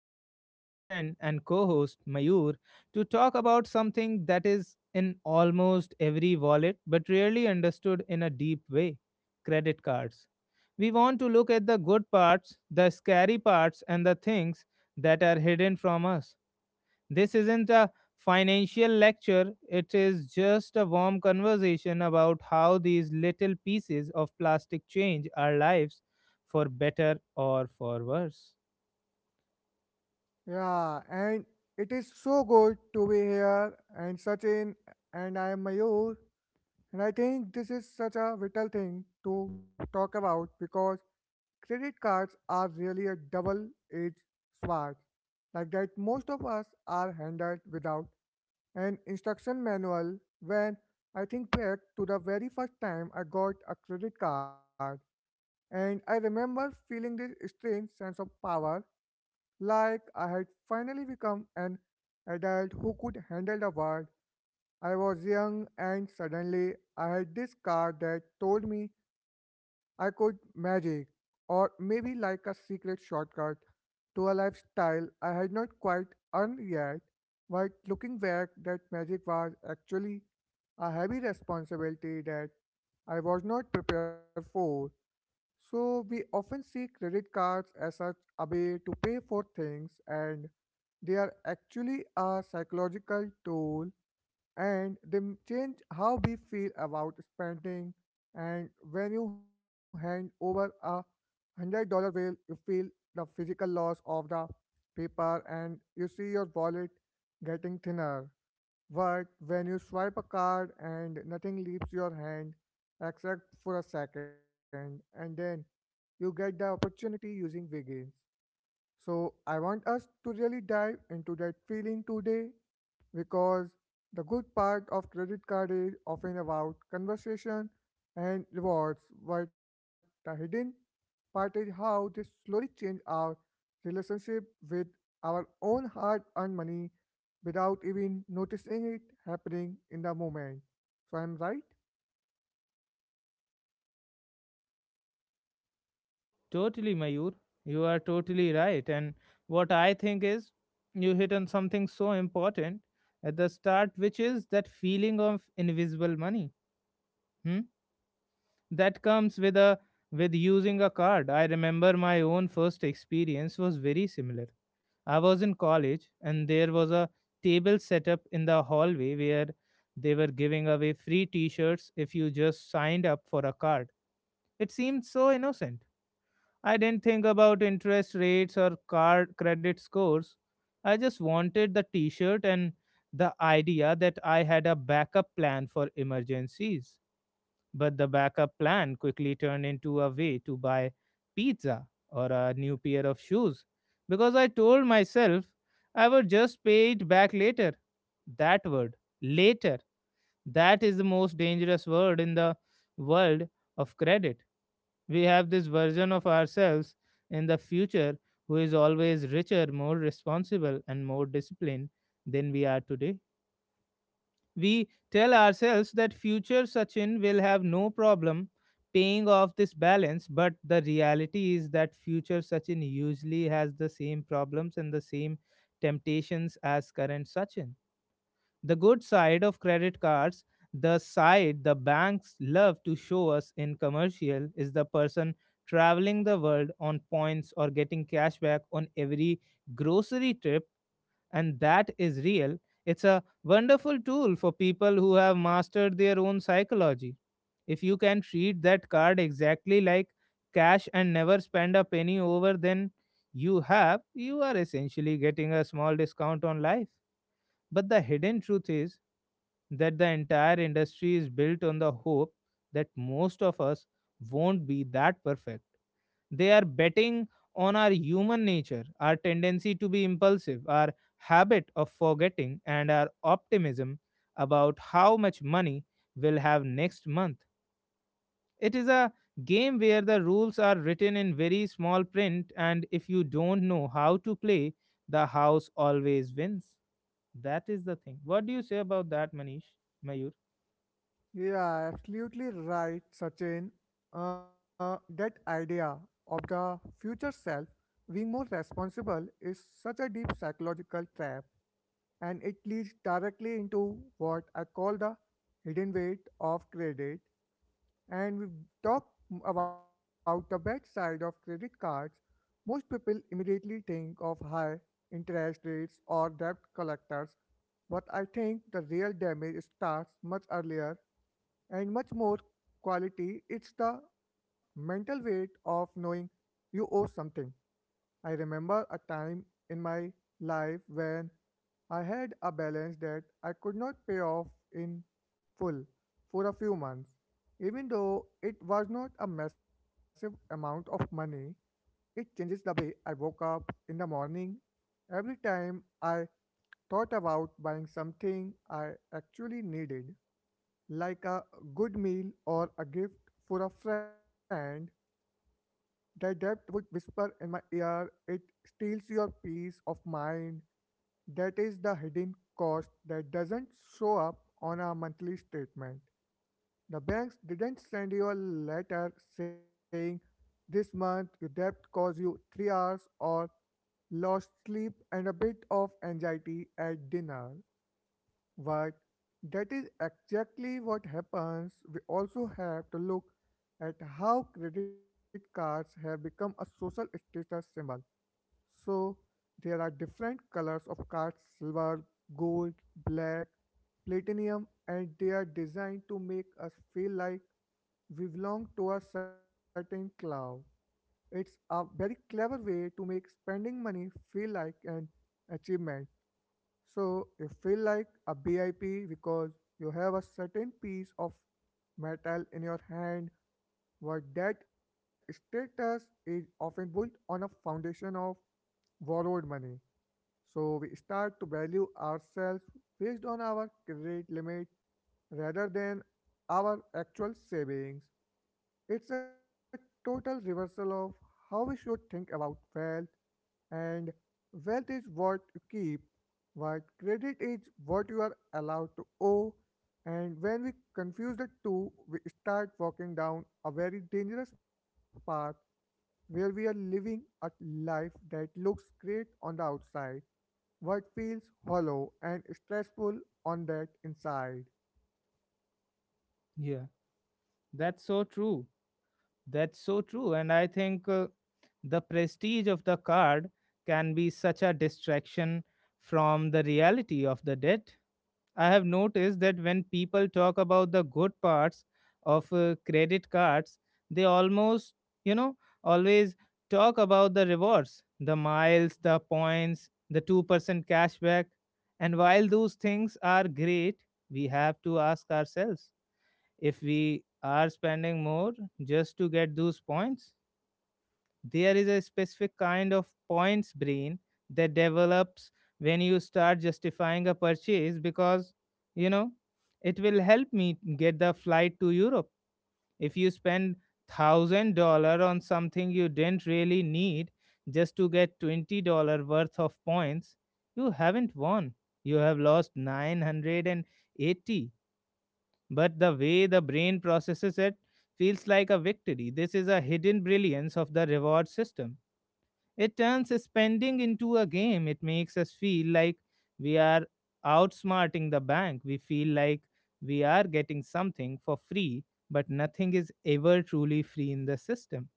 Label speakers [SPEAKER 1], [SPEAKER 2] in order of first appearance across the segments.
[SPEAKER 1] with my good friend and co host Mayur to talk about something that is in almost every wallet but rarely understood in a deep way: credit cards. We want to look at the good parts, the scary parts, and the things that are hidden from us. This isn't a financial lecture, it is just a warm conversation about how these little pieces of plastic change our lives for better or for worse.
[SPEAKER 2] Yeah, and it is so good to be here. And Sachin and I am Mayur, and I think this is such a vital thing to talk about because credit cards are really a double-edged sword, like that most of us are handled without an instruction manual. When I think back to the very first time I got a credit card, and I remember feeling this strange sense of power, like I had finally become an adult who could handle the world. I was young and suddenly I had this card that told me I could magic, or maybe like a secret shortcut to a lifestyle I had not quite earned yet. But looking back, that magic was actually a heavy responsibility that I was not prepared for. So we often see credit cards as such a way to pay for things, and they are actually a psychological tool, and they change how we feel about spending. And when you hand over $100 bill, you feel the physical loss of the paper and you see your wallet getting thinner. But when you swipe a card and nothing leaves your hand except for a second, and then you get the opportunity using Wiggins, so, I want us to really dive into that feeling today, because the good part of credit card is often about conversation and rewards, but the hidden part is how they slowly change our relationship with our own hard earned money without even noticing it happening in the moment. So, I'm right?
[SPEAKER 1] Totally, Mayur. You are totally right. And what I think is, you hit on something so important at the start, which is that feeling of invisible money. Hmm? That comes with a with using a card. I remember my own first experience was very similar. I was in college and there was a table set up in the hallway where they were giving away free t-shirts if you just signed up for a card. It seemed so innocent. I didn't think about interest rates or card credit scores. I just wanted the t-shirt and the idea that I had a backup plan for emergencies. But the backup plan quickly turned into a way to buy pizza or a new pair of shoes, because I told myself I would just pay it back later. That word, later, that is the most dangerous word in the world of credit. We have this version of ourselves in the future who is always richer, more responsible, and more disciplined than we are today. We tell ourselves that future Sachin will have no problem paying off this balance, but the reality is that future Sachin usually has the same problems and the same temptations as current Sachin. The good side of credit cards, the side the banks love to show us in commercial, is the person traveling the world on points or getting cashback on every grocery trip, and that is real. It's a wonderful tool for people who have mastered their own psychology. If you can treat that card exactly like cash and never spend a penny over, then you are essentially getting a small discount on life. But the hidden truth is that the entire industry is built on the hope that most of us won't be that perfect. They are betting on our human nature, our tendency to be impulsive, our habit of forgetting, and our optimism about how much money we'll have next month. It is a game where the rules are written in very small print, and if you don't know how to play, the house always wins. That is the thing. What do you say about that, Manish? Mayur?
[SPEAKER 2] Yeah, absolutely right, Sachin. That idea of the future self being more responsible is such a deep psychological trap, and it leads directly into what I call the hidden weight of credit. And we talk about the bad side of credit cards. Most people immediately think of high interest rates or debt collectors, but I think the real damage starts much earlier and much more quality. It's the mental weight of knowing you owe something. I remember a time in my life when I had a balance that I could not pay off in full for a few months. Even though it was not a massive amount of money, it changes the way I woke up in the morning. Every time I thought about buying something I actually needed, like a good meal or a gift for a friend, the depth would whisper in my ear, it steals your peace of mind. That is the hidden cost that doesn't show up on a monthly statement. The banks didn't send you a letter saying this month your debt caused you 3 hours or lost sleep and a bit of anxiety at dinner. But that is exactly what happens. We also have to look at how credit cards have become a social status symbol. So there are different colors of cards: silver, gold, black, platinum, and they are designed to make us feel like we belong to a certain club. It's a very clever way to make spending money feel like an achievement, so you feel like a BIP because you have a certain piece of metal in your hand, but that status is often built on a foundation of borrowed money. So we start to value ourselves based on our credit limit rather than our actual savings. It's a total reversal of how we should think about wealth, and wealth is what you keep, but credit is what you are allowed to owe. And when we confuse the two, we start walking down a very dangerous path where we are living a life that looks great on the outside, but feels hollow and stressful on that inside.
[SPEAKER 1] Yeah, that's so true. That's so true. And I think the prestige of the card can be such a distraction from the reality of the debt. I have noticed that when people talk about the good parts of credit cards, they almost, you know, always talk about the rewards, the miles, the points, the 2% cashback. And while those things are great, we have to ask ourselves if we are spending more just to get those points. There is a specific kind of points brain that develops when you start justifying a purchase because you know, it will help me get the flight to europe if you spend $1,000 on something you didn't really need just to get $20 worth of points. You haven't won, you have lost 980. But the way the brain processes it feels like a victory. This is a hidden brilliance of the reward system. It turns spending into a game. It makes us feel like we are outsmarting the bank. We feel like we are getting something for free, but nothing is ever truly free in the system.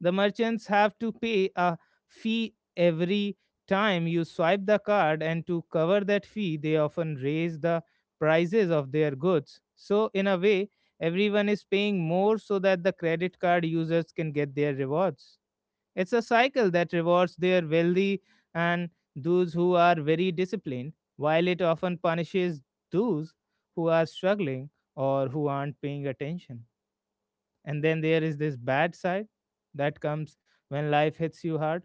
[SPEAKER 1] The merchants have to pay a fee every time you swipe the card, and to cover that fee, they often raise the prices of their goods. So, in a way, everyone is paying more so that the credit card users can get their rewards. It's a cycle that rewards their wealthy and those who are very disciplined, while it often punishes those who are struggling or who aren't paying attention. And then there is this bad side that comes when life hits you hard.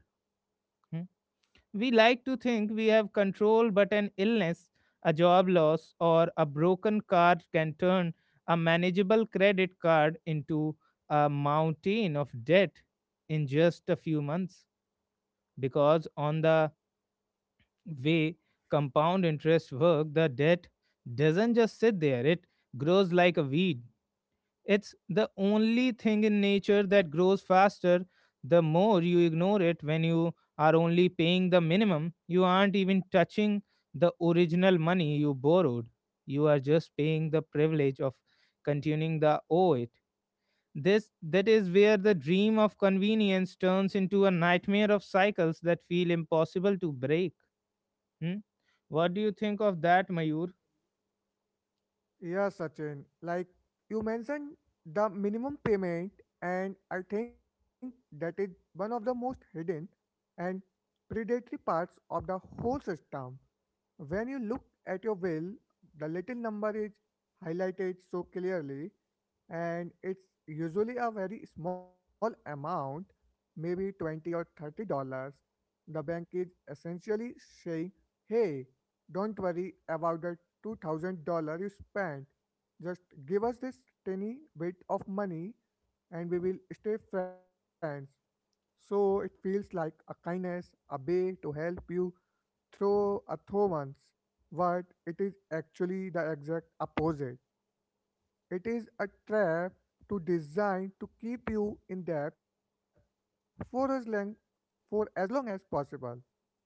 [SPEAKER 1] Hmm. We like to think we have control, but an illness, a job loss or a broken car can turn a manageable credit card into a mountain of debt in just a few months. Because on the way compound interest work, the debt doesn't just sit there, it grows like a weed. It's the only thing in nature that grows faster. The more you ignore it. When you are only paying the minimum, you aren't even touching the original money you borrowed. You are just paying the privilege of continuing the owe it. This That is where the dream of convenience turns into a nightmare of cycles that feel impossible to break. Hmm? What do you think of that, Mayur?
[SPEAKER 2] Yeah, Sachin. Like you mentioned the minimum payment, and I think that is one of the most hidden and predatory parts of the whole system. When you look at your will, the little number is highlighted so clearly, and it's usually a very small amount, maybe 20 or $30. The bank is essentially saying, hey, don't worry about the $2,000 you spent. Just give us this tiny bit of money and we will stay friends. So it feels like a kindness, a way to help you throw a throw once, but it is actually the exact opposite. It is a trap to design to keep you in debt for as long for as long as possible.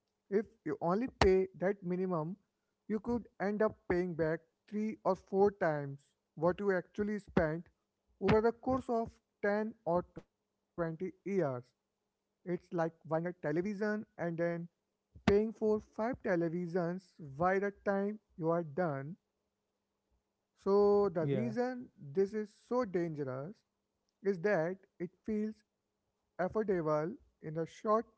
[SPEAKER 2] If you only pay that minimum, you could end up paying back 3 or 4 times what you actually spent over the course of 10 or 20 years. It's like buying a television and then paying for five televisions by the time you are done. So, the
[SPEAKER 1] Yeah,
[SPEAKER 2] reason this is so dangerous is that it feels affordable in the short term.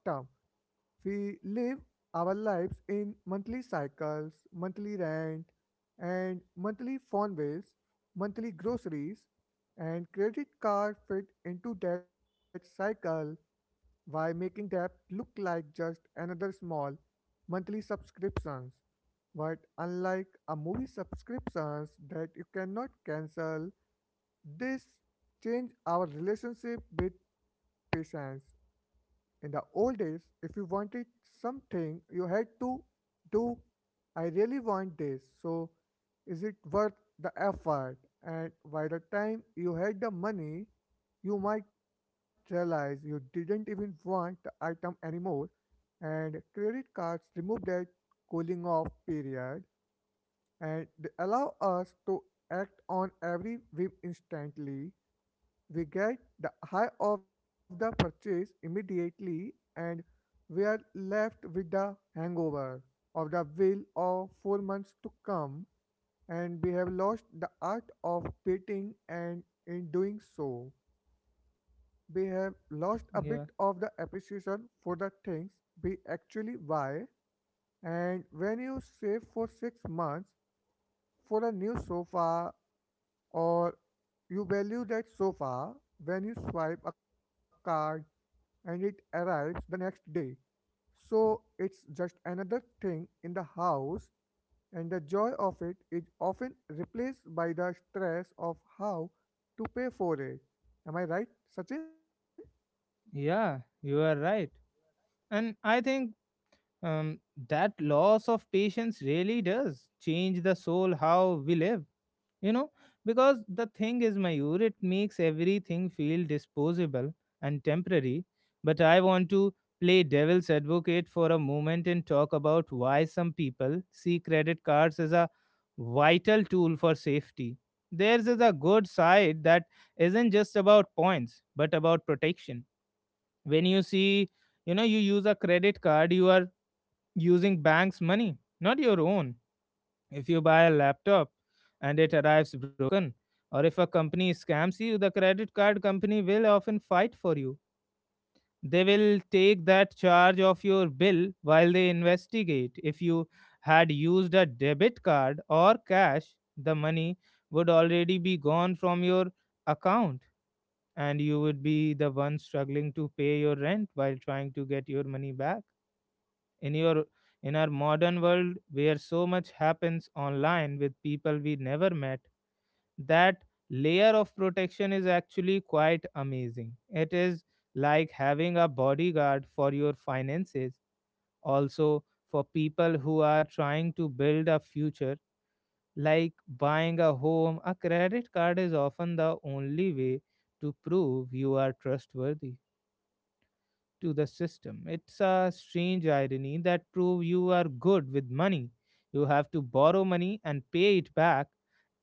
[SPEAKER 2] We live our lives in monthly cycles, monthly rent, and monthly phone bills, monthly groceries, and credit card fit into that cycle, why making debt look like just another small monthly subscriptions? But unlike a movie subscriptions that you cannot cancel, this change our relationship with patients. In the old days, if you wanted something, you had to do, I really want this, so is it worth the effort? And by the time you had the money, you might realize you didn't even want the item anymore, and credit cards remove that cooling off period, and they allow us to act on every whim instantly. We get the high of the purchase immediately, and we are left with the hangover of the will of 4 months to come, and we have lost the art of waiting, and in doing so, we have lost a bit of the
[SPEAKER 1] yeah,
[SPEAKER 2] appreciation for the things we actually buy. And when you save for 6 months for a new sofa, or you value that sofa when you swipe a card and it arrives the next day. So it's just another thing in the house, and the joy of it is often replaced by the stress of how to pay for it. Am I right, Sachin?
[SPEAKER 1] yeah, you are right. And I think um, that loss of patience really does change the soul how we live, you know, because the thing is, Mayur, it makes everything feel disposable and temporary. But I want to play devil's advocate for a moment and talk about why some people see credit cards as a vital tool for safety. Theirs is a good side that isn't just about points but about protection. When you see you know you use a credit card, you are using bank's money, not your own. If you buy a laptop and it arrives broken, or if a company scams you, the credit card company will often fight for you. They will take that charge of your bill while they investigate. If you had used a debit card or cash, the money would already be gone from your account and you would be the one struggling to pay your rent while trying to get your money back. in your in our modern world where so much happens online with people we never met, that layer of protection is actually quite amazing. It is like having a bodyguard for your finances. Also, for people who are trying to build a future like buying a home, a credit card is often the only way to prove you are trustworthy to the system. It's a strange irony that prove you are good with money, you have to borrow money and pay it back.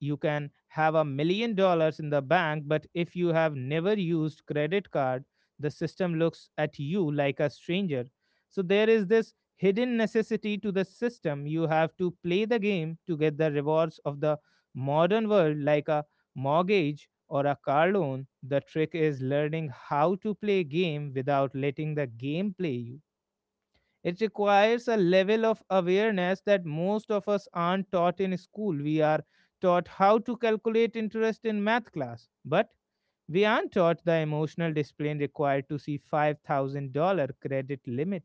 [SPEAKER 1] You can have $1 million in the bank, but if you have never used credit card, the system looks at you like a stranger. So there is this hidden necessity to the system. You have to play the game to get the rewards of the modern world like a mortgage or a car loan. The trick is learning how to play a game without letting the game play you. It requires a level of awareness that most of us aren't taught in school. We are taught how to calculate interest in math class, but we aren't taught the emotional discipline required to see $5,000 credit limit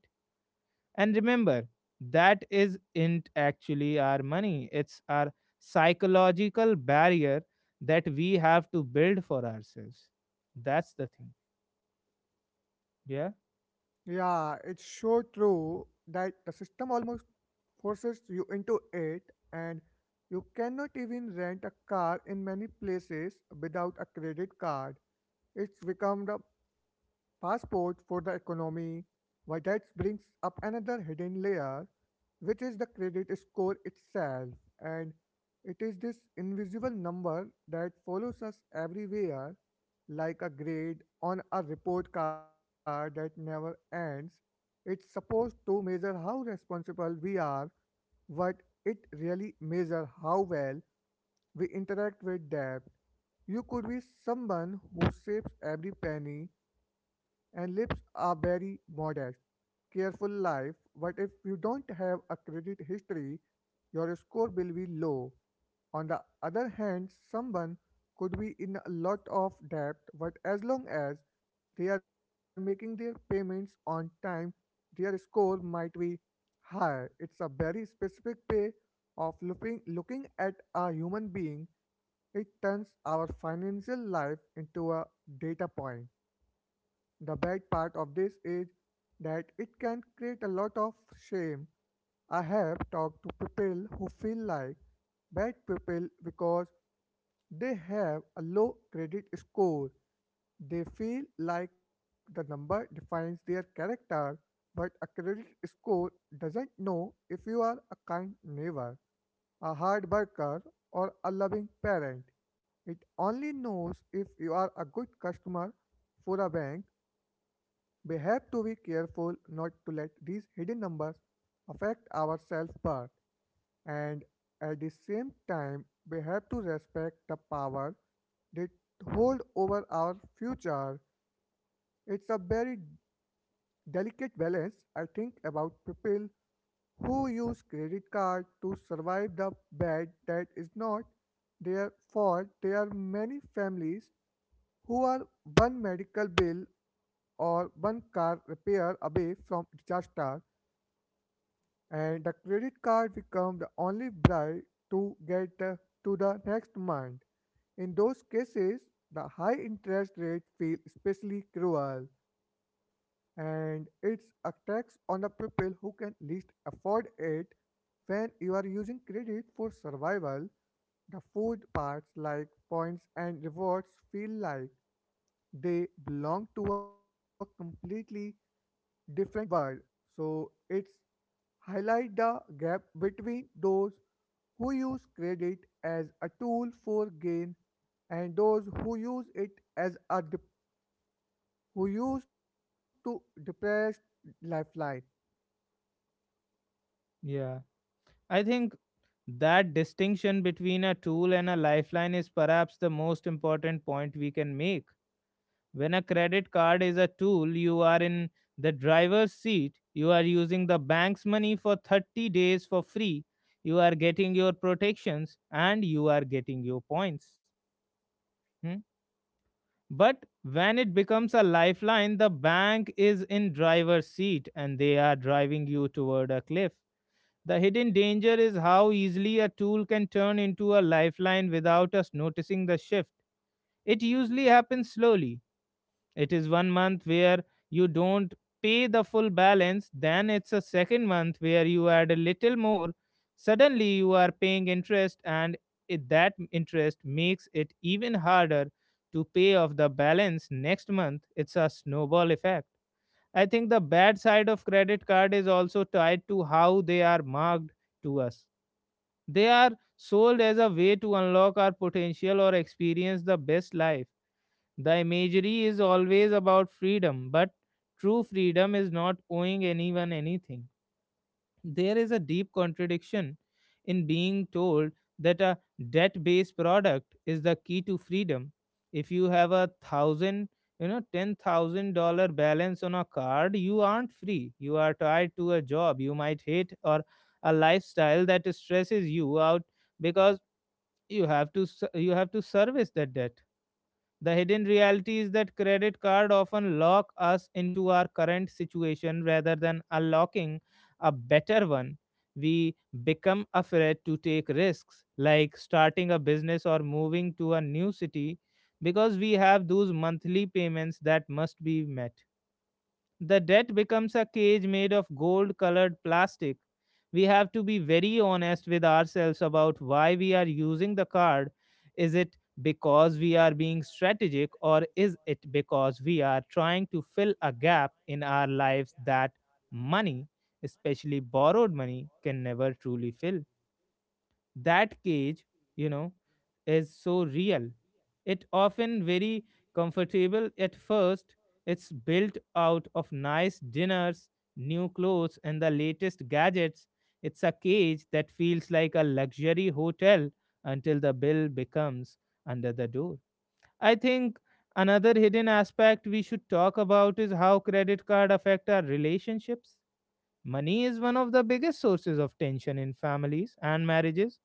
[SPEAKER 1] and remember, that isn't actually our money, it's our psychological barrier that we have to build for ourselves. That's the thing. Yeah,
[SPEAKER 2] Yeah, it's so true that the system almost forces you into it, and you cannot even rent a car in many places without a credit card. It's become the passport for the economy. Why that brings up another hidden layer, which is the credit score itself, and it is this invisible number that follows us everywhere, like a grade on a report card that never ends. It's supposed to measure how responsible we are, but it really measures how well we interact with debt. You could be someone who saves every penny, and lives a very modest, careful life. But if you don't have a credit history, your score will be low. On the other hand, someone could be in a lot of debt, but as long as they are making their payments on time, their score might be higher. It's a very specific way of looking at a human being, it turns our financial life into a data point. The bad part of this is that it can create a lot of shame. I have talked to people who feel like bad people because they have a low credit score. They feel like the number defines their character, but a credit score doesn't know if you are a kind neighbor, a hard worker, or a loving parent. It only knows if you are a good customer for a bank. We have to be careful not to let these hidden numbers affect our self worth, and at the same time, we have to respect the power they hold over our future. It's a very delicate balance. I think about people who use credit card to survive the bad that is not their fault. There are many families who are one medical bill or one car repair away from disaster, and the credit card become the only bribe to get to the next month. In those cases, the high interest rate feel especially cruel, and it's a tax on the people who can least afford it. When you are using credit for survival, the food parts like points and rewards feel like they belong to a completely different world. So it's highlight the gap between those who use credit as a tool for gain and those who use it as a who use to depress lifeline.
[SPEAKER 1] yeah. I think that distinction between a tool and a lifeline is perhaps the most important point we can make. When a credit card is a tool, you are in the driver's seat. You are using the bank's money for 30 days for free. You are getting your protections and you are getting your points. Hmm? But when it becomes a lifeline, the bank is in driver's seat and they are driving you toward a cliff. The hidden danger is how easily a tool can turn into a lifeline without us noticing the shift. It usually happens slowly. It is 1 month where you don't pay the full balance, then it's a second month where you add a little more. Suddenly you are paying interest, and that interest makes it even harder to pay off the balance next month. It's a snowball effect. I think the bad side of credit card is also tied to how they are marked to us. They are sold as a way to unlock our potential or experience the best life. The imagery is always about freedom, but true freedom is not owing anyone anything. There is a deep contradiction in being told that a debt based product is the key to freedom. If you have a thousand, you know, $10,000 balance on a card, you aren't free. You are tied to a job you might hate or a lifestyle that stresses you out, because you have to service that debt. The hidden reality is that credit card often lock us into our current situation rather than unlocking a better one. We become afraid to take risks like starting a business or moving to a new city because we have those monthly payments that must be met. The debt becomes a cage made of gold colored plastic. We have to be very honest with ourselves about why we are using the card. Is it because we are being strategic, or is it because we are trying to fill a gap in our lives that money, especially borrowed money, can never truly fill? That cage, you know is so real. It often very comfortable at first. It's built out of nice dinners, new clothes and the latest gadgets. It's a cage that feels like a luxury hotel until the bill becomes under the door. I think another hidden aspect we should talk about is how credit card affect our relationships. Money is one of the biggest sources of tension in families and marriages.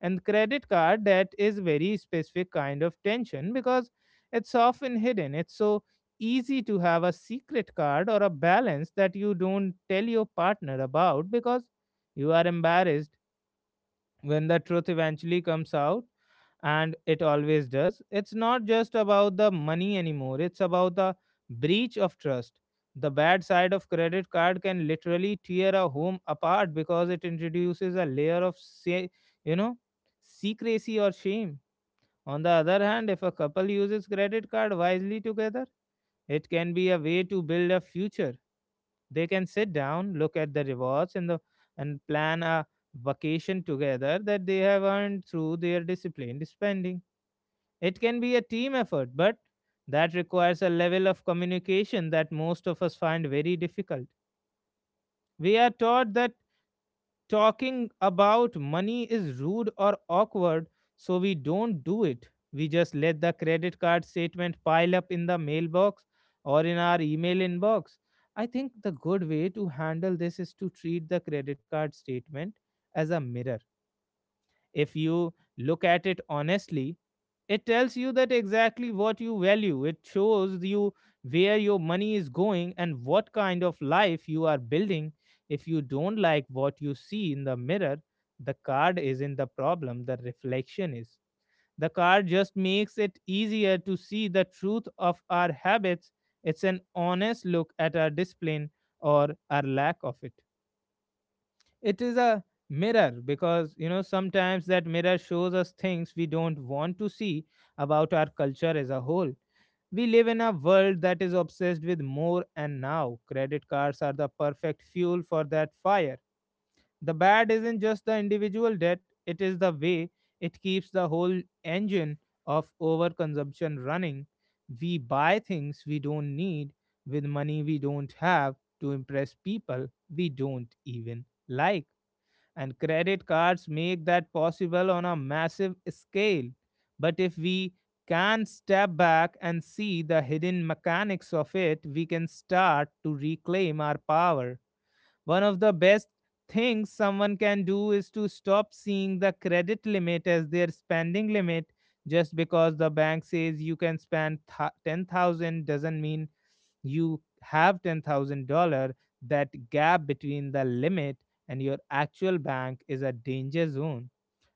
[SPEAKER 1] And credit card debt is very specific kind of tension because it's often hidden. It's so easy to have a secret card or a balance that you don't tell your partner about because you are embarrassed. When the truth eventually comes out, and it always does, it's not just about the money anymore, it's about the breach of trust. The bad side of credit card can literally tear a home apart because it introduces a layer of say, you know secrecy or shame. On the other hand, if a couple uses credit card wisely together, it can be a way to build a future. They can sit down, look at the rewards and plan a vacation together that they have earned through their disciplined spending. It can be a team effort, but that requires a level of communication that most of us find very difficult. We are taught that talking about money is rude or awkward, so we don't do it. We just let the credit card statement pile up in the mailbox or in our email inbox. I think the good way to handle this is to treat the credit card statement as a mirror. If you look at it honestly, it tells you that exactly what you value. It shows you where your money is going and what kind of life you are building. If you don't like what you see in the mirror, the card isn't the problem, the reflection is. The card just makes it easier to see the truth of our habits. It's an honest look at our discipline, or our lack of it. It is a mirror because, sometimes that mirror shows us things we don't want to see about our culture as a whole. We live in a world that is obsessed with more, and now credit cards are the perfect fuel for that fire. The bad isn't just the individual debt, it is the way it keeps the whole engine of overconsumption running. We buy things we don't need with money we don't have to impress people we don't even like, and credit cards make that possible on a massive scale. But if we can step back and see the hidden mechanics of it, we can start to reclaim our power. One of the best things someone can do is to stop seeing the credit limit as their spending limit. Just because the bank says you can spend 10,000 doesn't mean you have $10,000, that gap between the limit and your actual bank is a danger zone.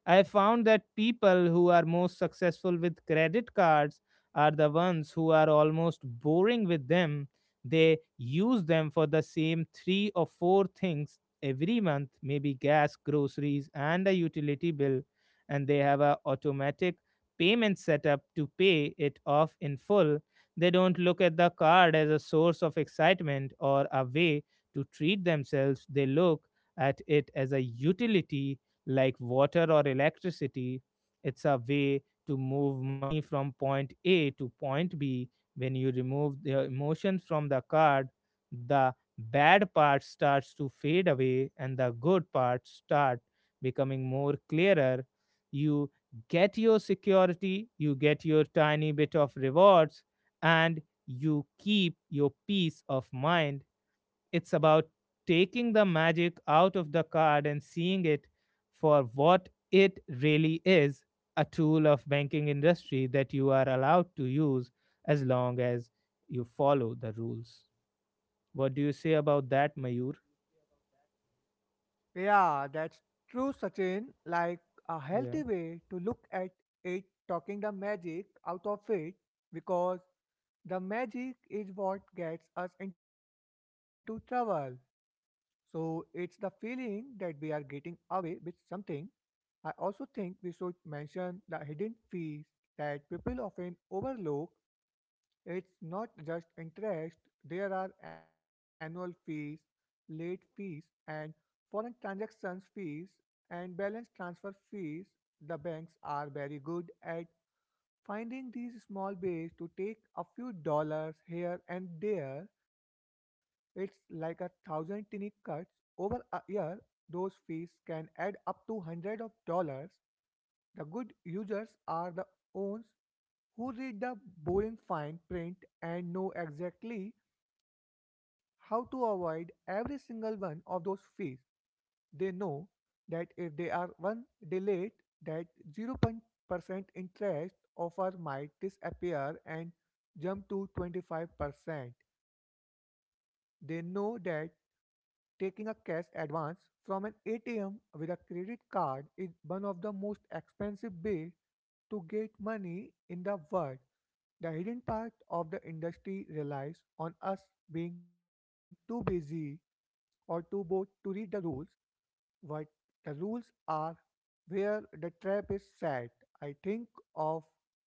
[SPEAKER 1] I found that people who are most successful with credit cards are the ones who are almost boring with them. They use them for the same three or four things every month, maybe gas, groceries, and a utility bill, and they have a automatic payment setup to pay it off in full. They don't look at the card as a source of excitement or a way to treat themselves. They look at it as a utility, like water or electricity. It's a way to move money from point A to point B. When you remove the emotion from the card, the bad part starts to fade away and the good parts start becoming more clearer. You get your security, you get your tiny bit of rewards, and you keep your peace of mind. It's about taking the magic out of the card and seeing it for what it really is, a tool of banking industry that you are allowed to use as long as you follow the rules. What do you say about that, Mayur?
[SPEAKER 2] Yeah, that's true, Sachin. Like a healthy way
[SPEAKER 1] Yeah.
[SPEAKER 2] to look at it, talking the magic out of it, because the magic is what gets us into trouble. So it's the feeling that we are getting away with something. I also think we should mention the hidden fees that people often overlook. It's not just interest, there are annual fees, late fees, and foreign transactions fees and balance transfer fees. The banks are very good at finding these small ways to take a few dollars here and there, it's like a thousand tiny cuts over a year. Those fees can add up to hundreds of dollars. The good users are the ones who read the boring fine print and know exactly how to avoid every single one of those fees. They know that if they are one day late, that 0% interest offer might disappear and jump to 25%. They know that taking a cash advance from an ATM with a credit card is one of the most expensive ways to get money in the world. The hidden part of the industry relies on us being too busy or too bored to read the rules, what the rules are, where the trap is set. I think of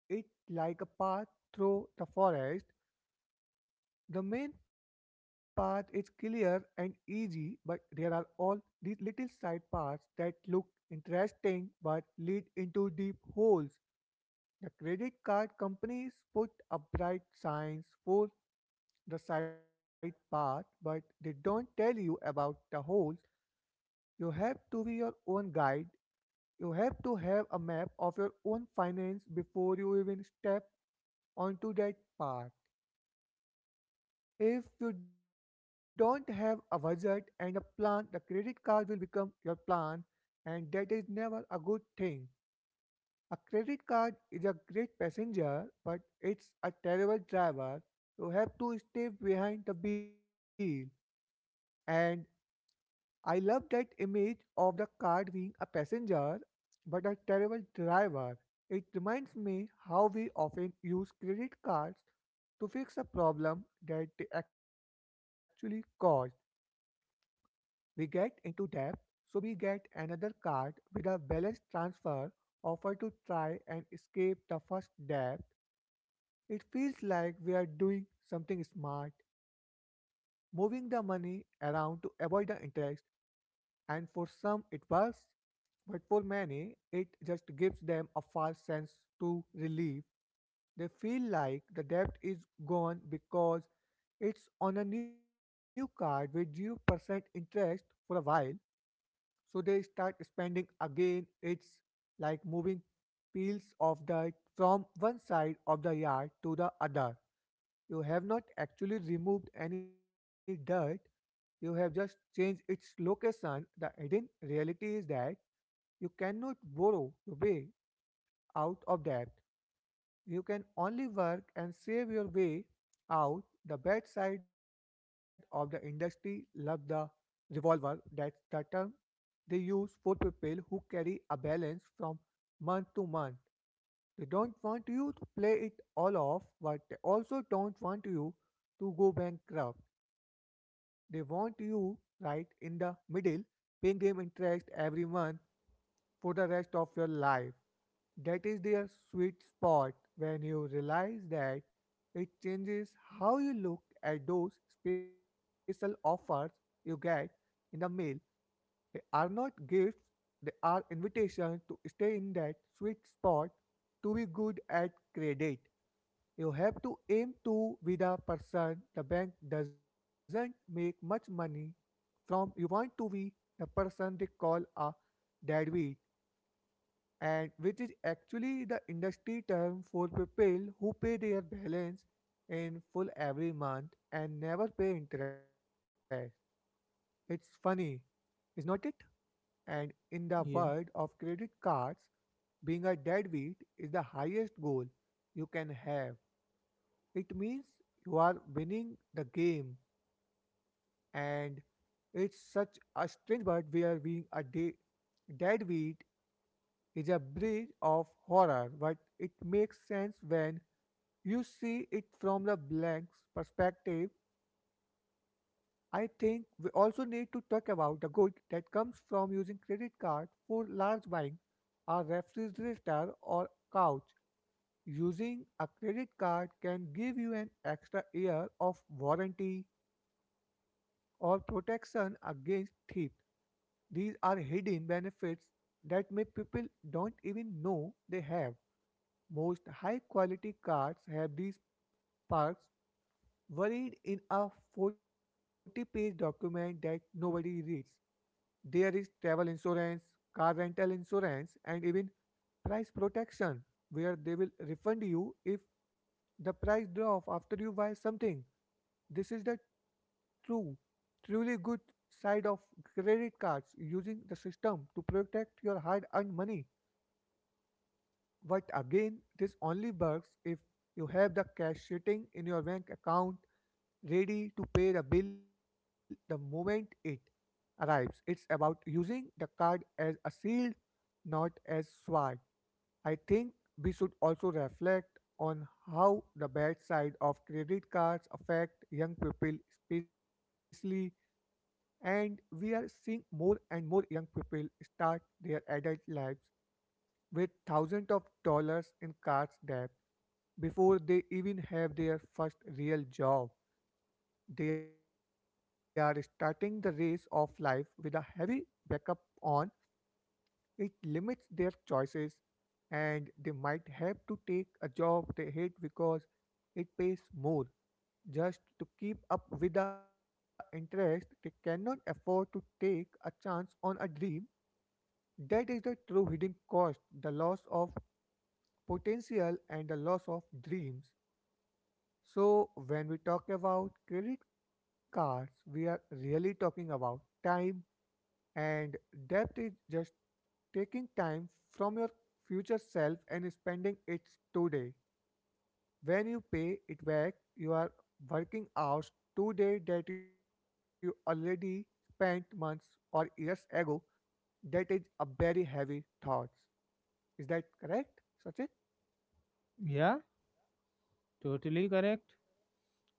[SPEAKER 2] it like a path through the forest. The main path is clear and easy, but there are all these little side paths that look interesting but lead into deep holes. The credit card companies put up bright signs for the side path, but they don't tell you about the holes. You have to be your own guide. You have to have a map of your own finance before you even step onto that path. If you don't have a budget and a plan, the credit card will become your plan, and that is never a good thing. A credit card is a great passenger, but it's a terrible driver. You have to stay behind the wheel, and I love that image of the car being a passenger but a terrible driver. It reminds me how we often use credit cards to fix a problem that they actually caused. We get into debt, so we get another card with a balance transfer offer to try and escape the first debt. It feels like we are doing something smart, moving the money around to avoid the interest, and for some it was, but for many it just gives them a false sense to relief. They feel like the debt is gone because it's on a new card with 0% interest for a while. So they start spending again. It's like moving peels of the from one side of the yard to the other. You have not actually removed any dirt, you have just changed its location. The hidden reality is that you cannot borrow your way out of debt. You can only work and save your way out. The bad side of the industry love the revolver. That's the term they use for people who carry a balance from month to month. They don't want you to play it all off, but they also don't want you to go bankrupt. They want you right in the middle, paying them interest every month for the rest of your life. That is their sweet spot. When you realize that, it changes how you look at those special offers you get in the mail. They are not gifts, they are invitations to stay in that sweet spot, to be good at credit. You have to aim to be the person the bank doesn't make much money from. You want to be the person they call a deadbeat, and which is actually the industry term for people who pay their balance in full every month and never pay interest. It's funny, is not it? And in the world
[SPEAKER 1] yeah
[SPEAKER 2] of credit cards, being a deadbeat is the highest goal you can have. It means you are winning the game, and it's such a strange bird where being a deadbeat is a bridge of horror, but it makes sense when you see it from the blank's perspective. I think we also need to talk about the good that comes from using credit card for large buying, a refrigerator or couch. Using a credit card can give you an extra year of warranty or protection against theft. These are hidden benefits that may people don't even know they have. Most high quality cards have these parts worried in a 40-page page document that nobody reads. There is travel insurance, car rental insurance, and even price protection, where they will refund you if the price drop after you buy something. This is the truly good side of credit cards, using the system to protect your hard earned money. But again, this only works if you have the cash sitting in your bank account ready to pay the bill the moment it arrives. It's about using the card as a shield, not as sword. I think we should also reflect on how the bad side of credit cards affect young people especially, and we are seeing more and more young people start their adult lives with thousands of dollars in card debt before they even have their first real job. They are starting the race of life with a heavy backup on. It limits their choices, and they might have to take a job they hate because it pays more just to keep up with the interest. They cannot afford to take a chance on a dream. That is the true hidden cost, the loss of potential and the loss of dreams. So, when we talk about credit cards, we are really talking about time, and debt is just taking time from your future self and spending it today. When you pay it back, you are working hours today that you already spent months or years ago. That is a very heavy thought. Is that correct, Sachin?
[SPEAKER 1] yeah totally correct.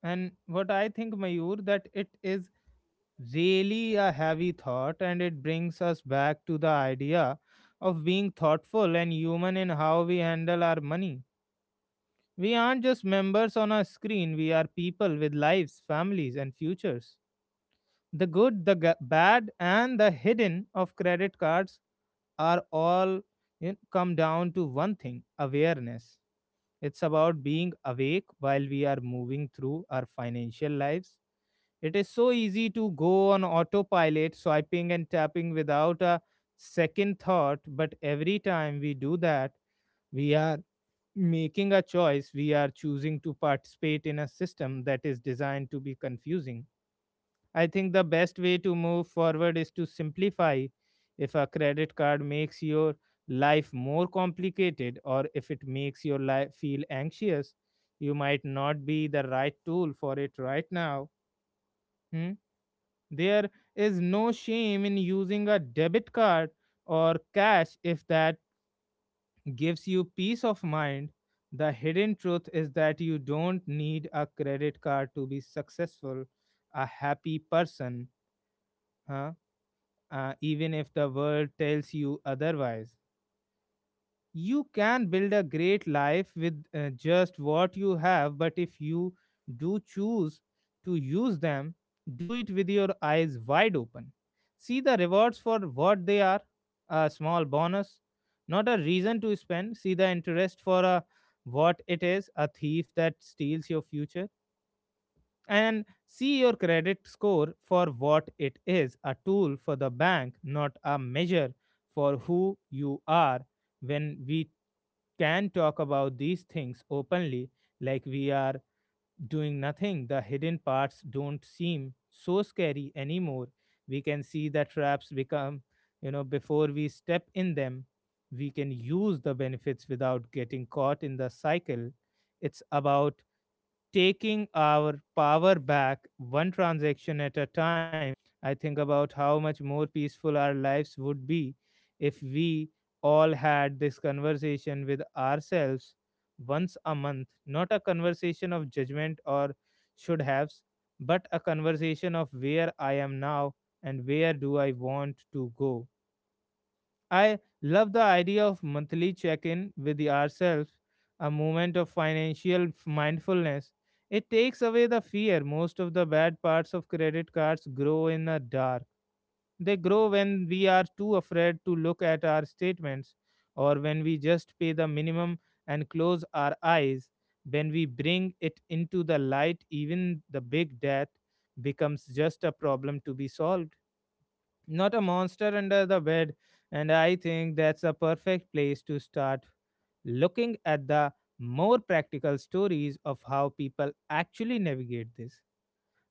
[SPEAKER 1] And what I think, Mayur, that it is really a heavy thought, and it brings us back to the idea of being thoughtful and human in how we handle our money. We aren't just members on a screen, we are people with lives, families, and futures. The good, the bad, and the hidden of credit cards are all, come down to one thing: awareness. It's about being awake while we are moving through our financial lives. It is so easy to go on autopilot, swiping and tapping without a second thought, but every time we do that, we are making a choice, we are choosing to participate in a system that is designed to be confusing. I think the best way to move forward is to simplify. If a credit card makes your life more complicated, or if it makes your life feel anxious, you might not be the right tool for it right now. Hmm? There is no shame in using a debit card or cash if that gives you peace of mind. The hidden truth is that you don't need a credit card to be successful, a happy person, huh? Even if the world tells you otherwise, you can build a great life with just what you have. But if you do choose to use them, do it with your eyes wide open. See the rewards for what they are, a small bonus, not a reason to spend. See the interest for what it is, a thief that steals your future. And see your credit score for what it is, a tool for the bank, not a measure for who you are. When we can talk about these things openly, like we are doing nothing, the hidden parts don't seem so scary anymore. We can see the traps become, before we step in them. We can use the benefits without getting caught in the cycle. It's about taking our power back one transaction at a time. I think about how much more peaceful our lives would be if we all had this conversation with ourselves once a month. Not a conversation of judgment or should haves, but a conversation of where I am now and where do I want to go. I love the idea of monthly check-in with the ourselves, a moment of financial mindfulness. It takes away the fear. Most of the bad parts of credit cards grow in the dark. They grow when we are too afraid to look at our statements, or when we just pay the minimum and close our eyes. When we bring it into the light, even the big debt becomes just a problem to be solved, not a monster under the bed. And I think that's a perfect place to start, looking at the more practical stories of how people actually navigate this.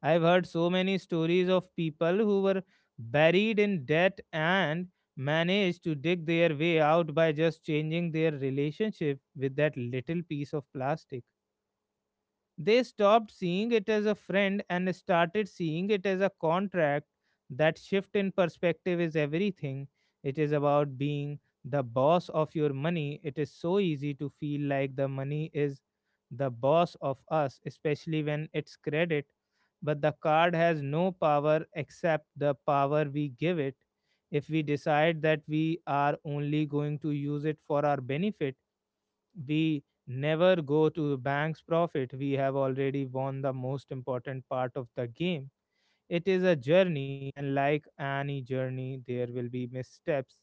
[SPEAKER 1] I've heard so many stories of people who were buried in debt and managed to dig their way out by just changing their relationship with that little piece of plastic. They stopped seeing it as a friend and started seeing it as a contract. That shift in perspective is everything. It is about being the boss of your money. It is so easy to feel like the money is the boss of us, especially when it's credit. But the card has no power except the power we give it. If we decide that we are only going to use it for our benefit, we never go to the bank's profit, we have already won the most important part of the game. It is a journey, and like any journey, there will be missteps.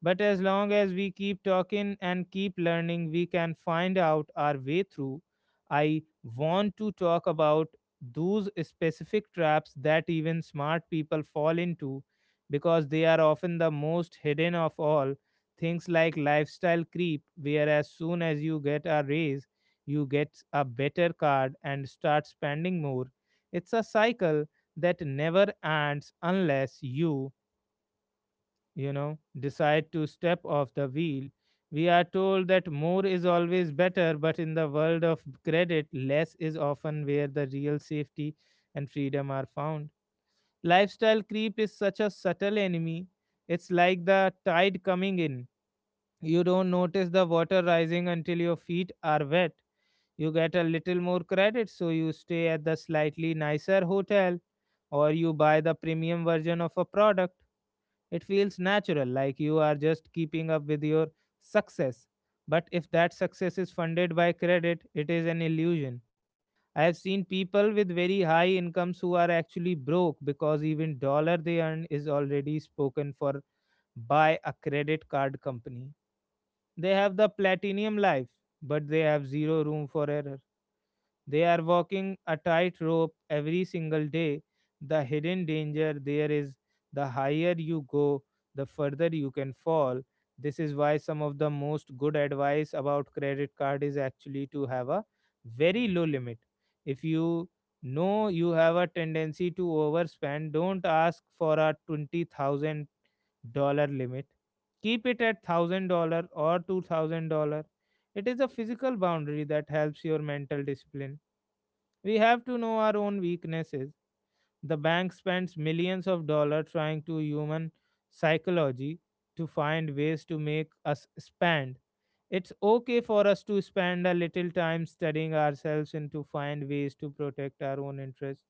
[SPEAKER 1] But as long as we keep talking and keep learning, we can find out our way through. I want to talk about those specific traps that even smart people fall into because they are often the most hidden of all. Things like lifestyle creep, where as soon as you get a raise, you get a better card and start spending more. It's a cycle that never ends unless you, decide to step off the wheel. We are told that more is always better, but in the world of credit, less is often where the real safety and freedom are found. Lifestyle creep is such a subtle enemy. It's like the tide coming in. You don't notice the water rising until your feet are wet. You get a little more credit, so you stay at the slightly nicer hotel or you buy the premium version of a product. It feels natural, like you are just keeping up with your success. But if that success is funded by credit, it is an illusion. I have seen people with very high incomes who are actually broke because even dollar they earn is already spoken for by a credit card company. They have the platinum life, but they have zero room for error. They are walking a tightrope every single day. The hidden danger there is the higher you go, the further you can fall. This is why some of the most good advice about credit card is actually to have a very low limit. If you know you have a tendency to overspend, don't ask for a $20,000 limit. Keep it at $1,000 or $2,000. It is a physical boundary that helps your mental discipline. We have to know our own weaknesses. The bank spends millions of dollars trying to human psychology to find ways to make us spend. It's okay for us to spend a little time studying ourselves and to find ways to protect our own interests.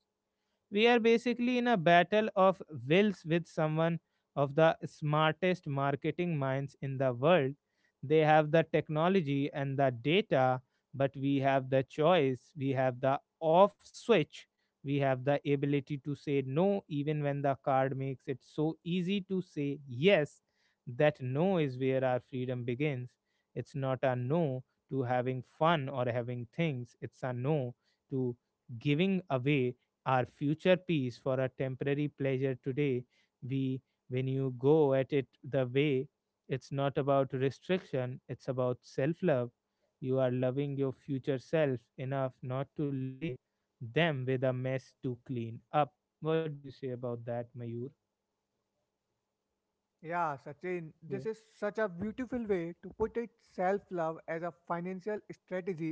[SPEAKER 1] We are basically in a battle of wills with someone of the smartest marketing minds in the world. They have the technology and the data, but we have the choice, we have the off switch, we have the ability to say no, even when the card makes it so easy to say yes. That no is where our freedom begins. It's not a no to having fun or having things, it's a no to giving away our future peace for a temporary pleasure today. We, when you go at it the way, it's not about restriction, it's about self love. You are loving your future self enough not to leave them with a mess to clean up. What do you say about that, Mayur?
[SPEAKER 2] Yeah, Sachin, this is
[SPEAKER 1] Yeah,
[SPEAKER 2] such a beautiful way to put it. Self love as a financial strategy.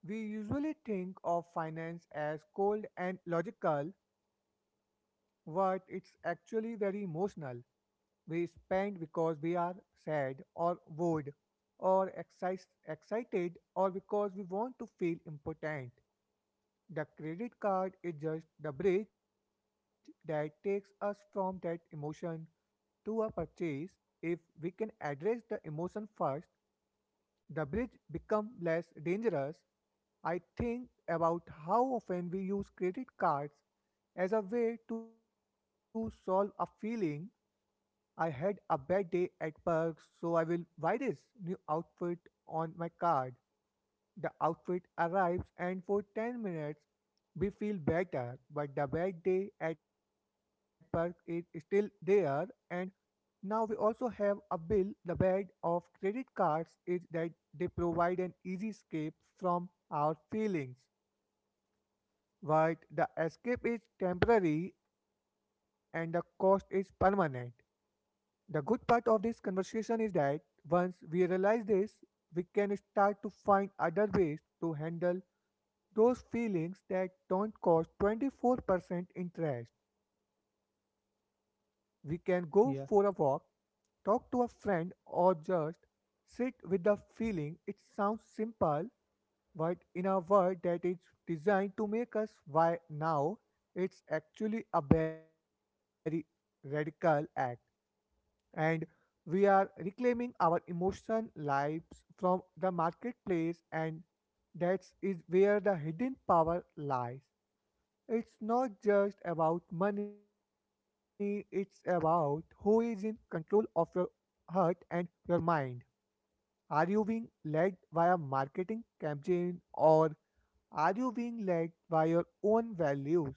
[SPEAKER 2] We usually think of finance as cold and logical, but it's actually very emotional. We spend because we are sad or bored or excited, or because we want to feel important. The credit card is just the bridge that takes us from that emotion to a purchase. If we can address the emotion first, the bridge becomes less dangerous. I think about how often we use credit cards as a way to solve a feeling. I had a bad day at work, so I will buy this new outfit on my card. The outfit arrives, and for 10 minutes we feel better, but the bad day at work is still there. And now we also have a bill. The bad of credit cards is that they provide an easy escape from our feelings, but the escape is temporary and the cost is permanent. The good part of this conversation is that once we realize this, we can start to find other ways to handle those feelings that don't cost 24% interest. We can go for a walk,
[SPEAKER 1] yeah,
[SPEAKER 2] talk to a friend, or just sit with the feeling. It sounds simple, but in a world that is designed to make us why now, it's actually a very radical act. And we are reclaiming our emotional lives from the marketplace, and that is where the hidden power lies. It's not just about money, it's about who is in control of your heart and your mind. Are you being led by a marketing campaign, or are you being led by your own values?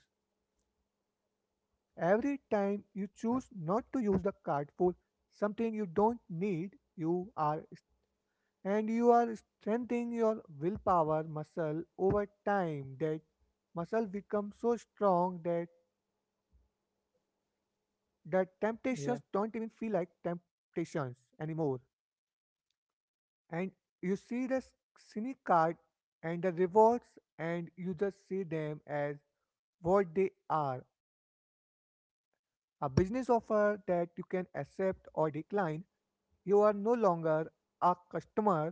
[SPEAKER 2] Every time you choose not to use the card for something you don't need, you are, and you are strengthening your willpower muscle over time. That muscle becomes so strong that the temptations don't even feel like
[SPEAKER 1] yeah,
[SPEAKER 2] temptations anymore. And you see the cynic card and the rewards, and you just see them as what they are, a business offer that you can accept or decline. You are no longer a customer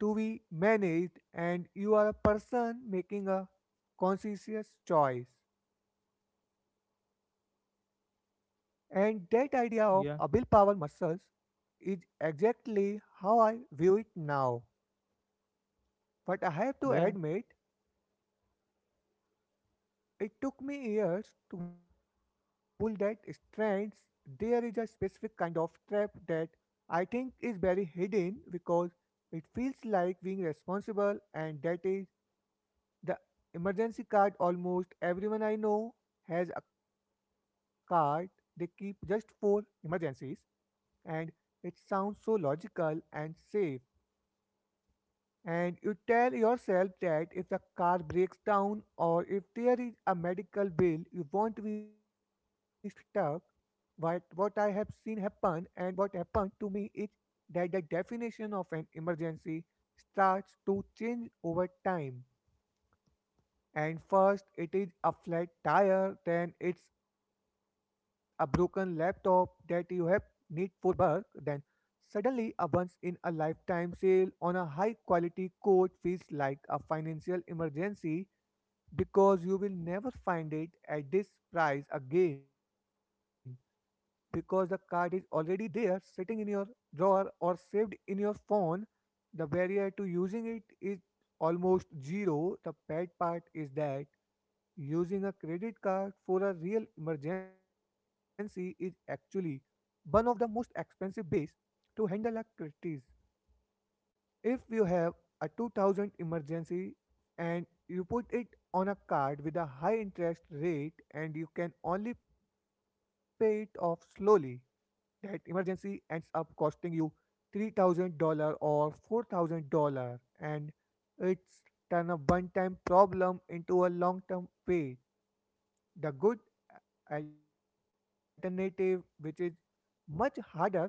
[SPEAKER 2] to be managed, and you are a person making a conscious choice. And that idea of a willpower
[SPEAKER 1] yeah,
[SPEAKER 2] muscles is exactly how I view it now. But I have to
[SPEAKER 1] yeah,
[SPEAKER 2] admit, it took me years to pull that strands. There is a specific kind of trap that I think is very hidden because it feels like being responsible, and that is the emergency card. Almost everyone I know has a card they keep just for emergencies, and it sounds so logical and safe, and you tell yourself that if the car breaks down or if there is a medical bill, you won't be stuck. What I have seen happen and what happened to me is that the definition of an emergency starts to change over time. And first, it is a flat tire, then it's a broken laptop that you have need for work, then suddenly, a once in a lifetime sale on a high quality coat feels like a financial emergency because you will never find it at this price again, because the card is already there sitting in your drawer or saved in your phone. The barrier to using it is almost zero. The bad part is that using a credit card for a real emergency is actually one of the most expensive ways to handle a crisis. If you have a 2000 emergency and you put it on a card with a high interest rate and you can only pay it off slowly, that emergency ends up costing you $3,000 or $4,000, and it's turn a one-time problem into a long-term way. The good alternative, which is much harder but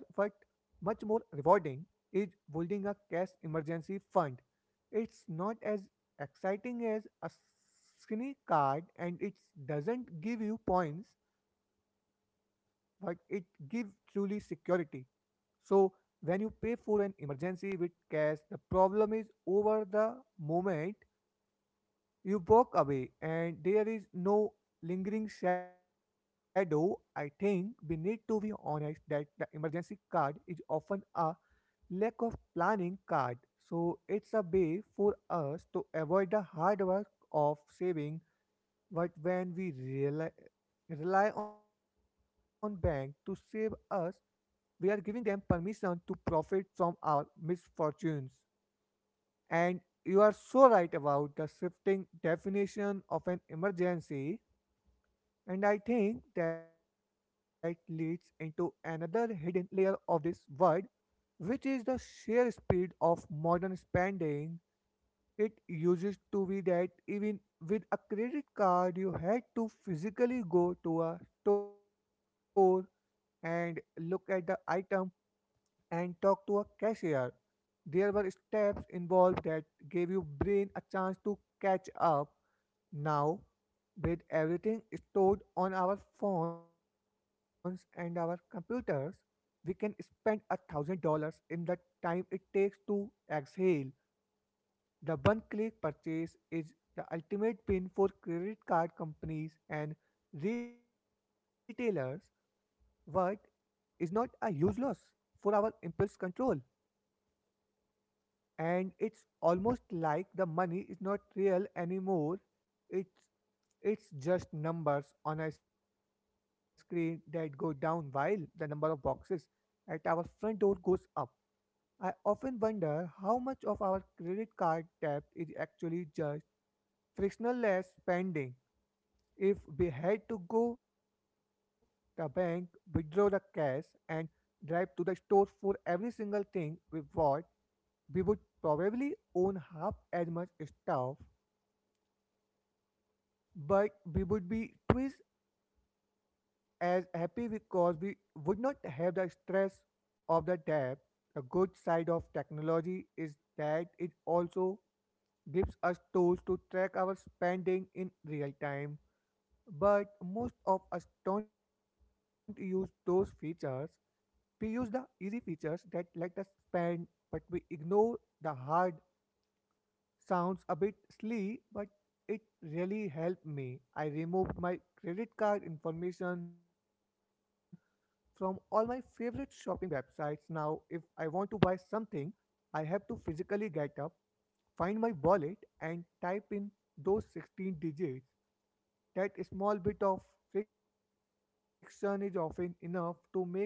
[SPEAKER 2] much more rewarding, is building a cash emergency fund. It's not as exciting as a skinny card and it doesn't give you points, but it gives truly security. So, when you pay for an emergency with cash, the problem is over the moment you walk away, and there is no lingering shadow. I think we need to be honest that the emergency card is often a lack of planning card. So it's a way for us to avoid the hard work of saving. But when we rely on bank to save us, we are giving them permission to profit from our misfortunes. And you are so right about the shifting definition of an emergency. And I think that leads into another hidden layer of this word, which is the sheer speed of modern spending. It used to be that even with a credit card, you had to physically go to a store and look at the item and talk to a cashier. There were steps involved that gave your brain a chance to catch up. Now, with everything stored on our phones and our computers, we can spend $1,000 in the time it takes to exhale. The one click purchase is the ultimate win for credit card companies and retailers, but is not a huge loss for our impulse control. And it's almost like the money is not real anymore. It's it's just numbers on a screen that go down while the number of boxes at our front door goes up. I often wonder how much of our credit card debt is actually just frictionless spending. If we had to go the bank, withdraw the cash and drive to the store for every single thing we bought, we would probably own half as much stuff, but we would be twice as happy because we would not have the stress of the debt. The good side of technology is that it also gives us tools to track our spending in real time, but most of us don't use those features. We use the easy features that let us spend, but we ignore the hard. Sounds a bit silly, but it really helped me. I removed my credit card information from all my favorite shopping websites. Now, if I want to buy something, I have to physically get up, find my wallet, and type in those 16 digits. That small bit of friction is often enough to make me realize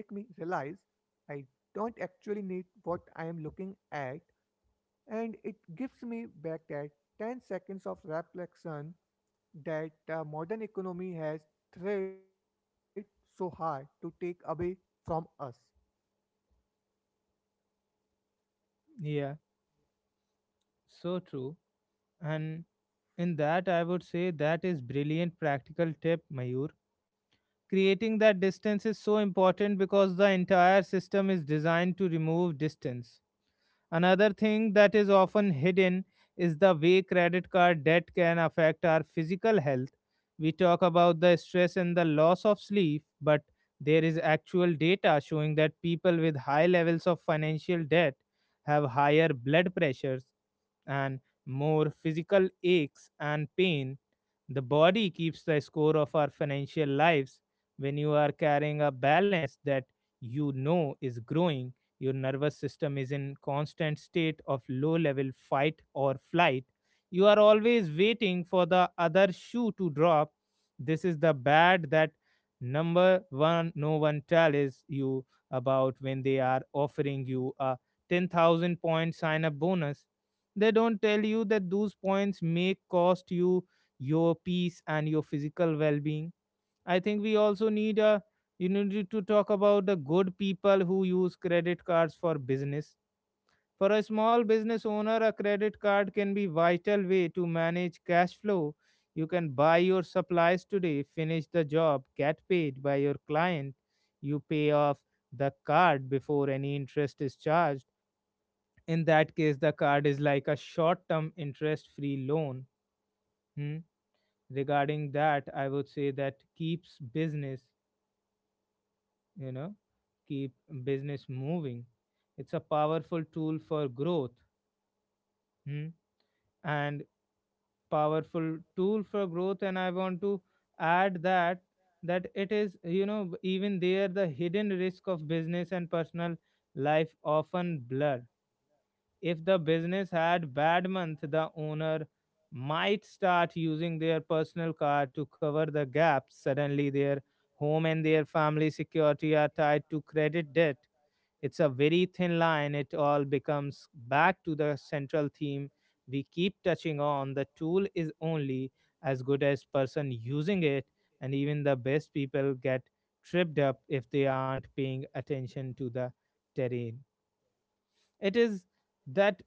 [SPEAKER 2] I don't actually need what I am looking at, and it gives me back that 10 seconds of reflection that the modern economy has tried so hard to take away from us.
[SPEAKER 1] yeah. So true. And in that, I would say that is brilliant practical tip, Mayur. Creating that distance is so important because the entire system is designed to remove distance. Another thing that is often hidden is the way credit card debt can affect our physical health. We talk about the stress and the loss of sleep, but there is actual data showing that people with high levels of financial debt have higher blood pressures and more physical aches and pain. The body keeps the score of our financial lives. When you are carrying a balance that you know is growing, your nervous system is in constant state of low level fight or flight. You are always waiting for the other shoe to drop. This is the bad that number one no one tells you about when they are offering you a 10,000 point sign up bonus. They don't tell you that those points may cost you your peace and your physical well-being. I think we also need a, you need to talk about the good people who use credit cards for business. For a small business owner a credit card can be vital way to manage cash flow. You can buy your supplies today, finish the job, get paid by your client, you pay off the card before any interest is charged. In that case the card is like a short term interest free loan. Hmm, regarding that I would say that keeps business, you know keep business moving. It's a powerful tool for growth. Hmm, and powerful tool for growth, and I want to add that that it is, even there the hidden risk of business and personal life often blur. If the business had bad month, the owner might start using their personal car to cover the gap. Suddenly their home and their family security are tied to credit debt. It's a very thin line. It all becomes back to the central theme we keep touching on. The tool is only as good as person using it, and even the best people get tripped up if they aren't paying attention to the terrain. It is that,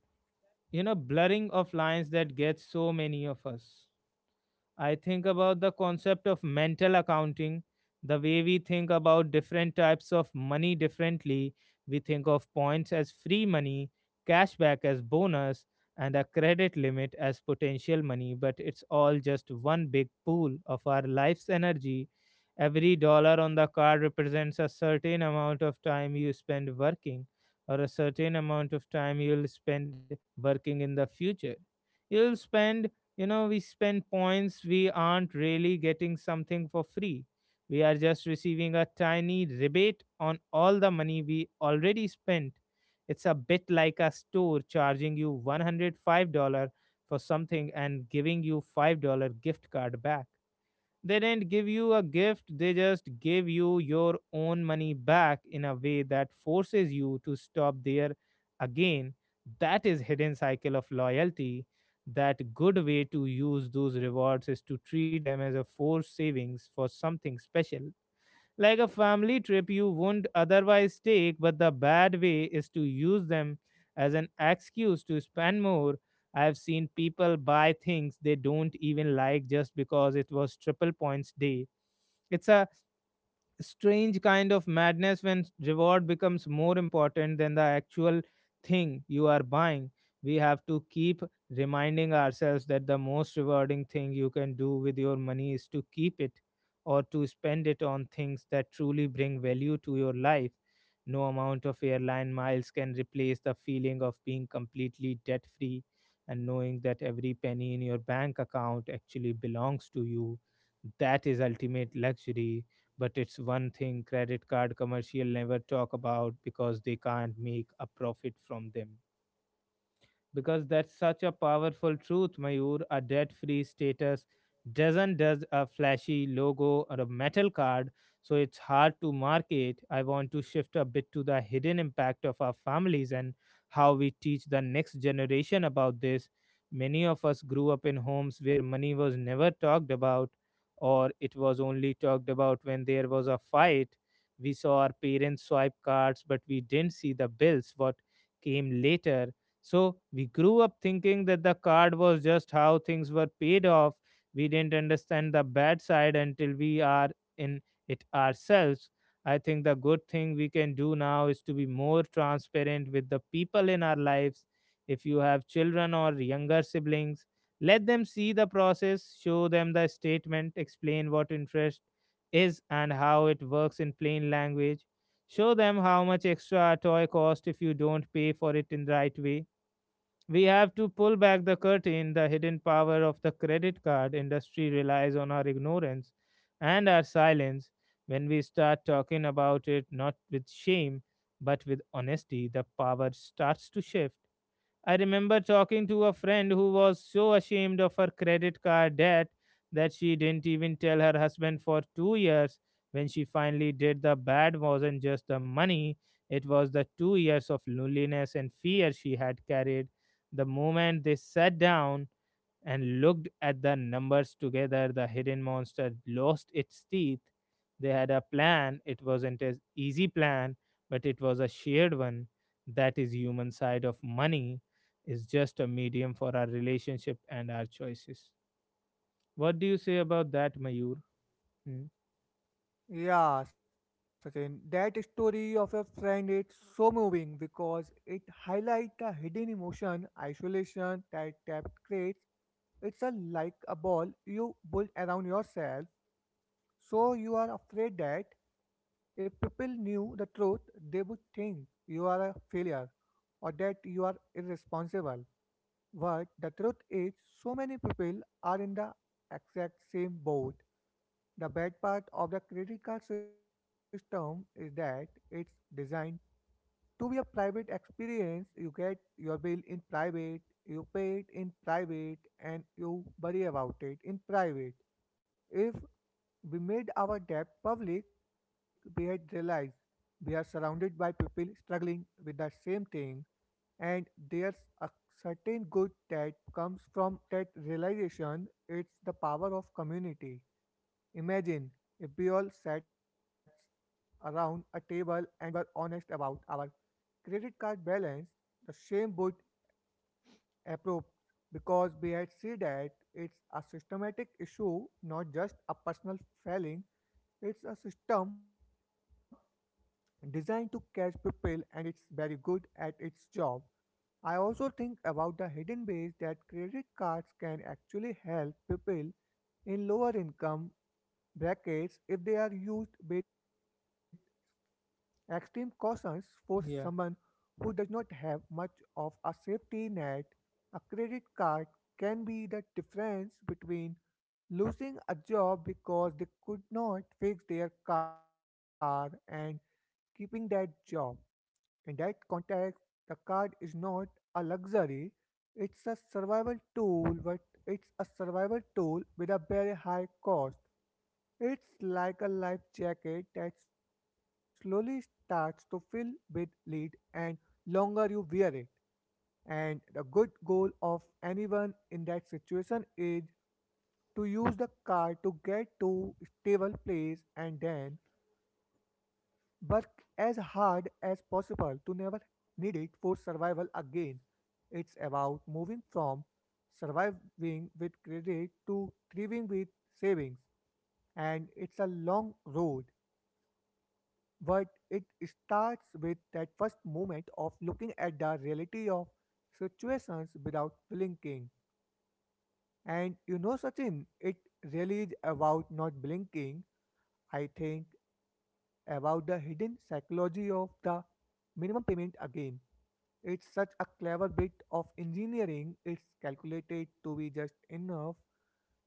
[SPEAKER 1] blurring of lines that gets so many of us. I think about the concept of mental accounting, the way we think about different types of money differently. We think of points as free money, cashback as bonus, and a credit limit as potential money, but it's all just one big pool of our life's energy. Every dollar on the card represents a certain amount of time you spend working, or a certain amount of time you'll spend working in the future. You'll spend. We spend points, we aren't really getting something for free, we are just receiving a tiny rebate on all the money we already spent. It's a bit like a store charging you $105 for something and giving you $5 gift card back. They didn't give you a gift, they just gave you your own money back in a way that forces you to stop there again. That is hidden cycle of loyalty. That good way to use those rewards is to treat them as a forced savings for something special, like a family trip you wouldn't otherwise take, but the bad way is to use them as an excuse to spend more. I've seen people buy things they don't even like just because it was triple points day. It's a strange kind of madness when reward becomes more important than the actual thing you are buying. We have to keep reminding ourselves that the most rewarding thing you can do with your money is to keep it, or to spend it on things that truly bring value to your life. No amount of airline miles can replace the feeling of being completely debt free and knowing that every penny in your bank account actually belongs to you. That is ultimate luxury, but it's one thing credit card commercial never talk about because they can't make a profit from them. Because that's such a powerful truth, Mayur. A debt free status doesn't does a flashy logo or a metal card, so it's hard to market. I want to shift a bit to the hidden impact of our families and how we teach the next generation about this. Many of us grew up in homes where money was never talked about, or it was only talked about when there was a fight. We saw our parents swipe cards, but we didn't see the bills, what came later, so we grew up thinking that the card was just how things were paid off. We didn't understand the bad side until we are in it ourselves. I think the good thing we can do now is to be more transparent with the people in our lives. If you have children or younger siblings, let them see the process, show them the statement, explain what interest is and how it works in plain language. Show them how much extra a toy cost if you don't pay for it in the right way. We have to pull back the curtain. The hidden power of the credit card industry relies on our ignorance and our silence. When we start talking about it, not with shame, but with honesty, the power starts to shift. I remember talking to a friend who was so ashamed of her credit card debt that she didn't even tell her husband for 2 years. When she finally did, the bad wasn't just the money, it was the 2 years of loneliness and fear she had carried. The moment they sat down, and looked at the numbers together. The hidden monster lost its teeth. They had a plan. It wasn't an easy plan, but it was a shared one. That is human side of money is just a medium for our relationship and our choices. What do you say about that, Mayur? Hmm?
[SPEAKER 2] Yeah, Sachin, that story of your friend is so moving because it highlights the hidden emotion, isolation that debt creates. It's a like a ball you build around yourself, so you are afraid that if people knew the truth, they would think you are a failure or that you are irresponsible. But the truth is, so many people are in the exact same boat. The bad part of the credit card system is that it's designed to be a private experience. You get your bill in private, you pay it in private, and you worry about it in private. If we made our debt public, we had realized we are surrounded by people struggling with the same thing, and there's a certain good that comes from that realization. It's the power of community. Imagine if we all sat around a table and were honest about our credit card balance, the shame would erupt because we had seen that it's a systematic issue, not just a personal failing. It's a system designed to catch people and it's very good at its job. I also think about the hidden ways that credit cards can actually help people in lower income brackets if they are used with extreme cautions for someone
[SPEAKER 1] yeah
[SPEAKER 2] who does not have much of a safety net. A credit card can be the difference between losing a job because they could not fix their car and keeping that job. In that context, the card is not a luxury, it's a survival tool, but it's a survival tool with a very high cost. It's like a life jacket that slowly starts to fill with lead and longer you wear it. And the good goal of anyone in that situation is to use the card to get to stable place and then work as hard as possible to never need it for survival again. It's about moving from surviving with credit to thriving with savings, and it's a long road. But it starts with that first moment of looking at the reality of situations without blinking. And you know, Sachin, it really is about not blinking. I think about the hidden psychology of the minimum payment again. It's such a clever bit of engineering. It's calculated to be just enough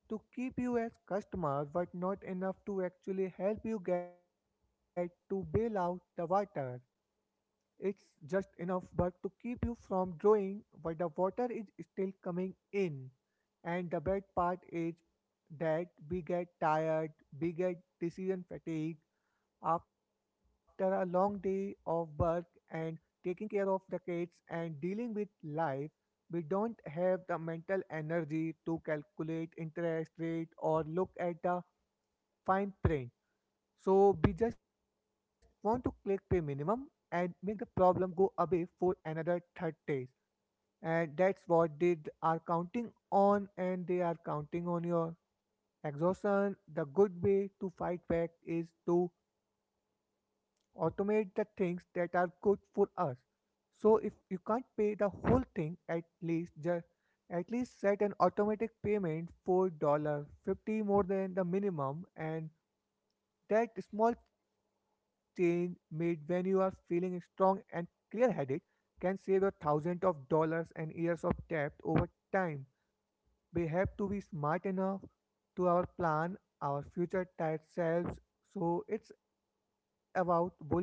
[SPEAKER 2] to keep you as customer but not enough to actually help you get to bail out the water. It's just enough but to keep you from drawing but the water is still coming in. And the bad part is that we get tired, we get decision fatigue after a long day of work and taking care of the kids and dealing with life. We don't have the mental energy to calculate interest rate or look at the fine print. So we just want to click pay minimum and make the problem go away for another 30 days, and that's what they are counting on, and they are counting on your exhaustion. The good way to fight back is to automate the things that are good for us. So if you can't pay the whole thing, at least set an automatic payment for dollar 50 more than the minimum, and that small change made when you are feeling strong and clear headed can save you thousands of dollars and years of debt over time. We have to be smart enough to our plan our future tired selves. So it's about building a system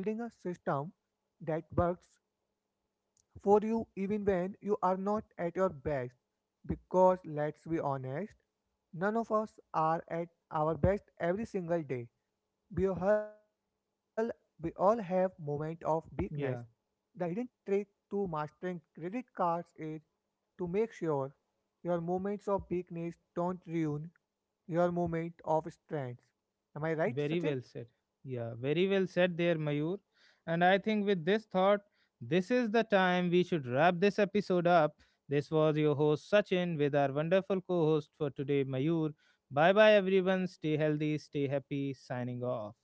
[SPEAKER 2] that works for you even when you are not at your best. Because let's be honest, none of us are at our best every single day. We all, we all have moments of weakness.
[SPEAKER 1] yeah.
[SPEAKER 2] The hidden trick to mastering credit cards is to make sure your moments of weakness don't ruin your moment of strength. Am I right,
[SPEAKER 1] Very
[SPEAKER 2] Sachin?
[SPEAKER 1] well said. Yeah, very well said there, Mayur. And I think with this thought, this is the time we should wrap this episode up. This was your host Sachin with our wonderful co host for today, Mayur. Bye bye, everyone. Stay healthy, stay happy. Signing off.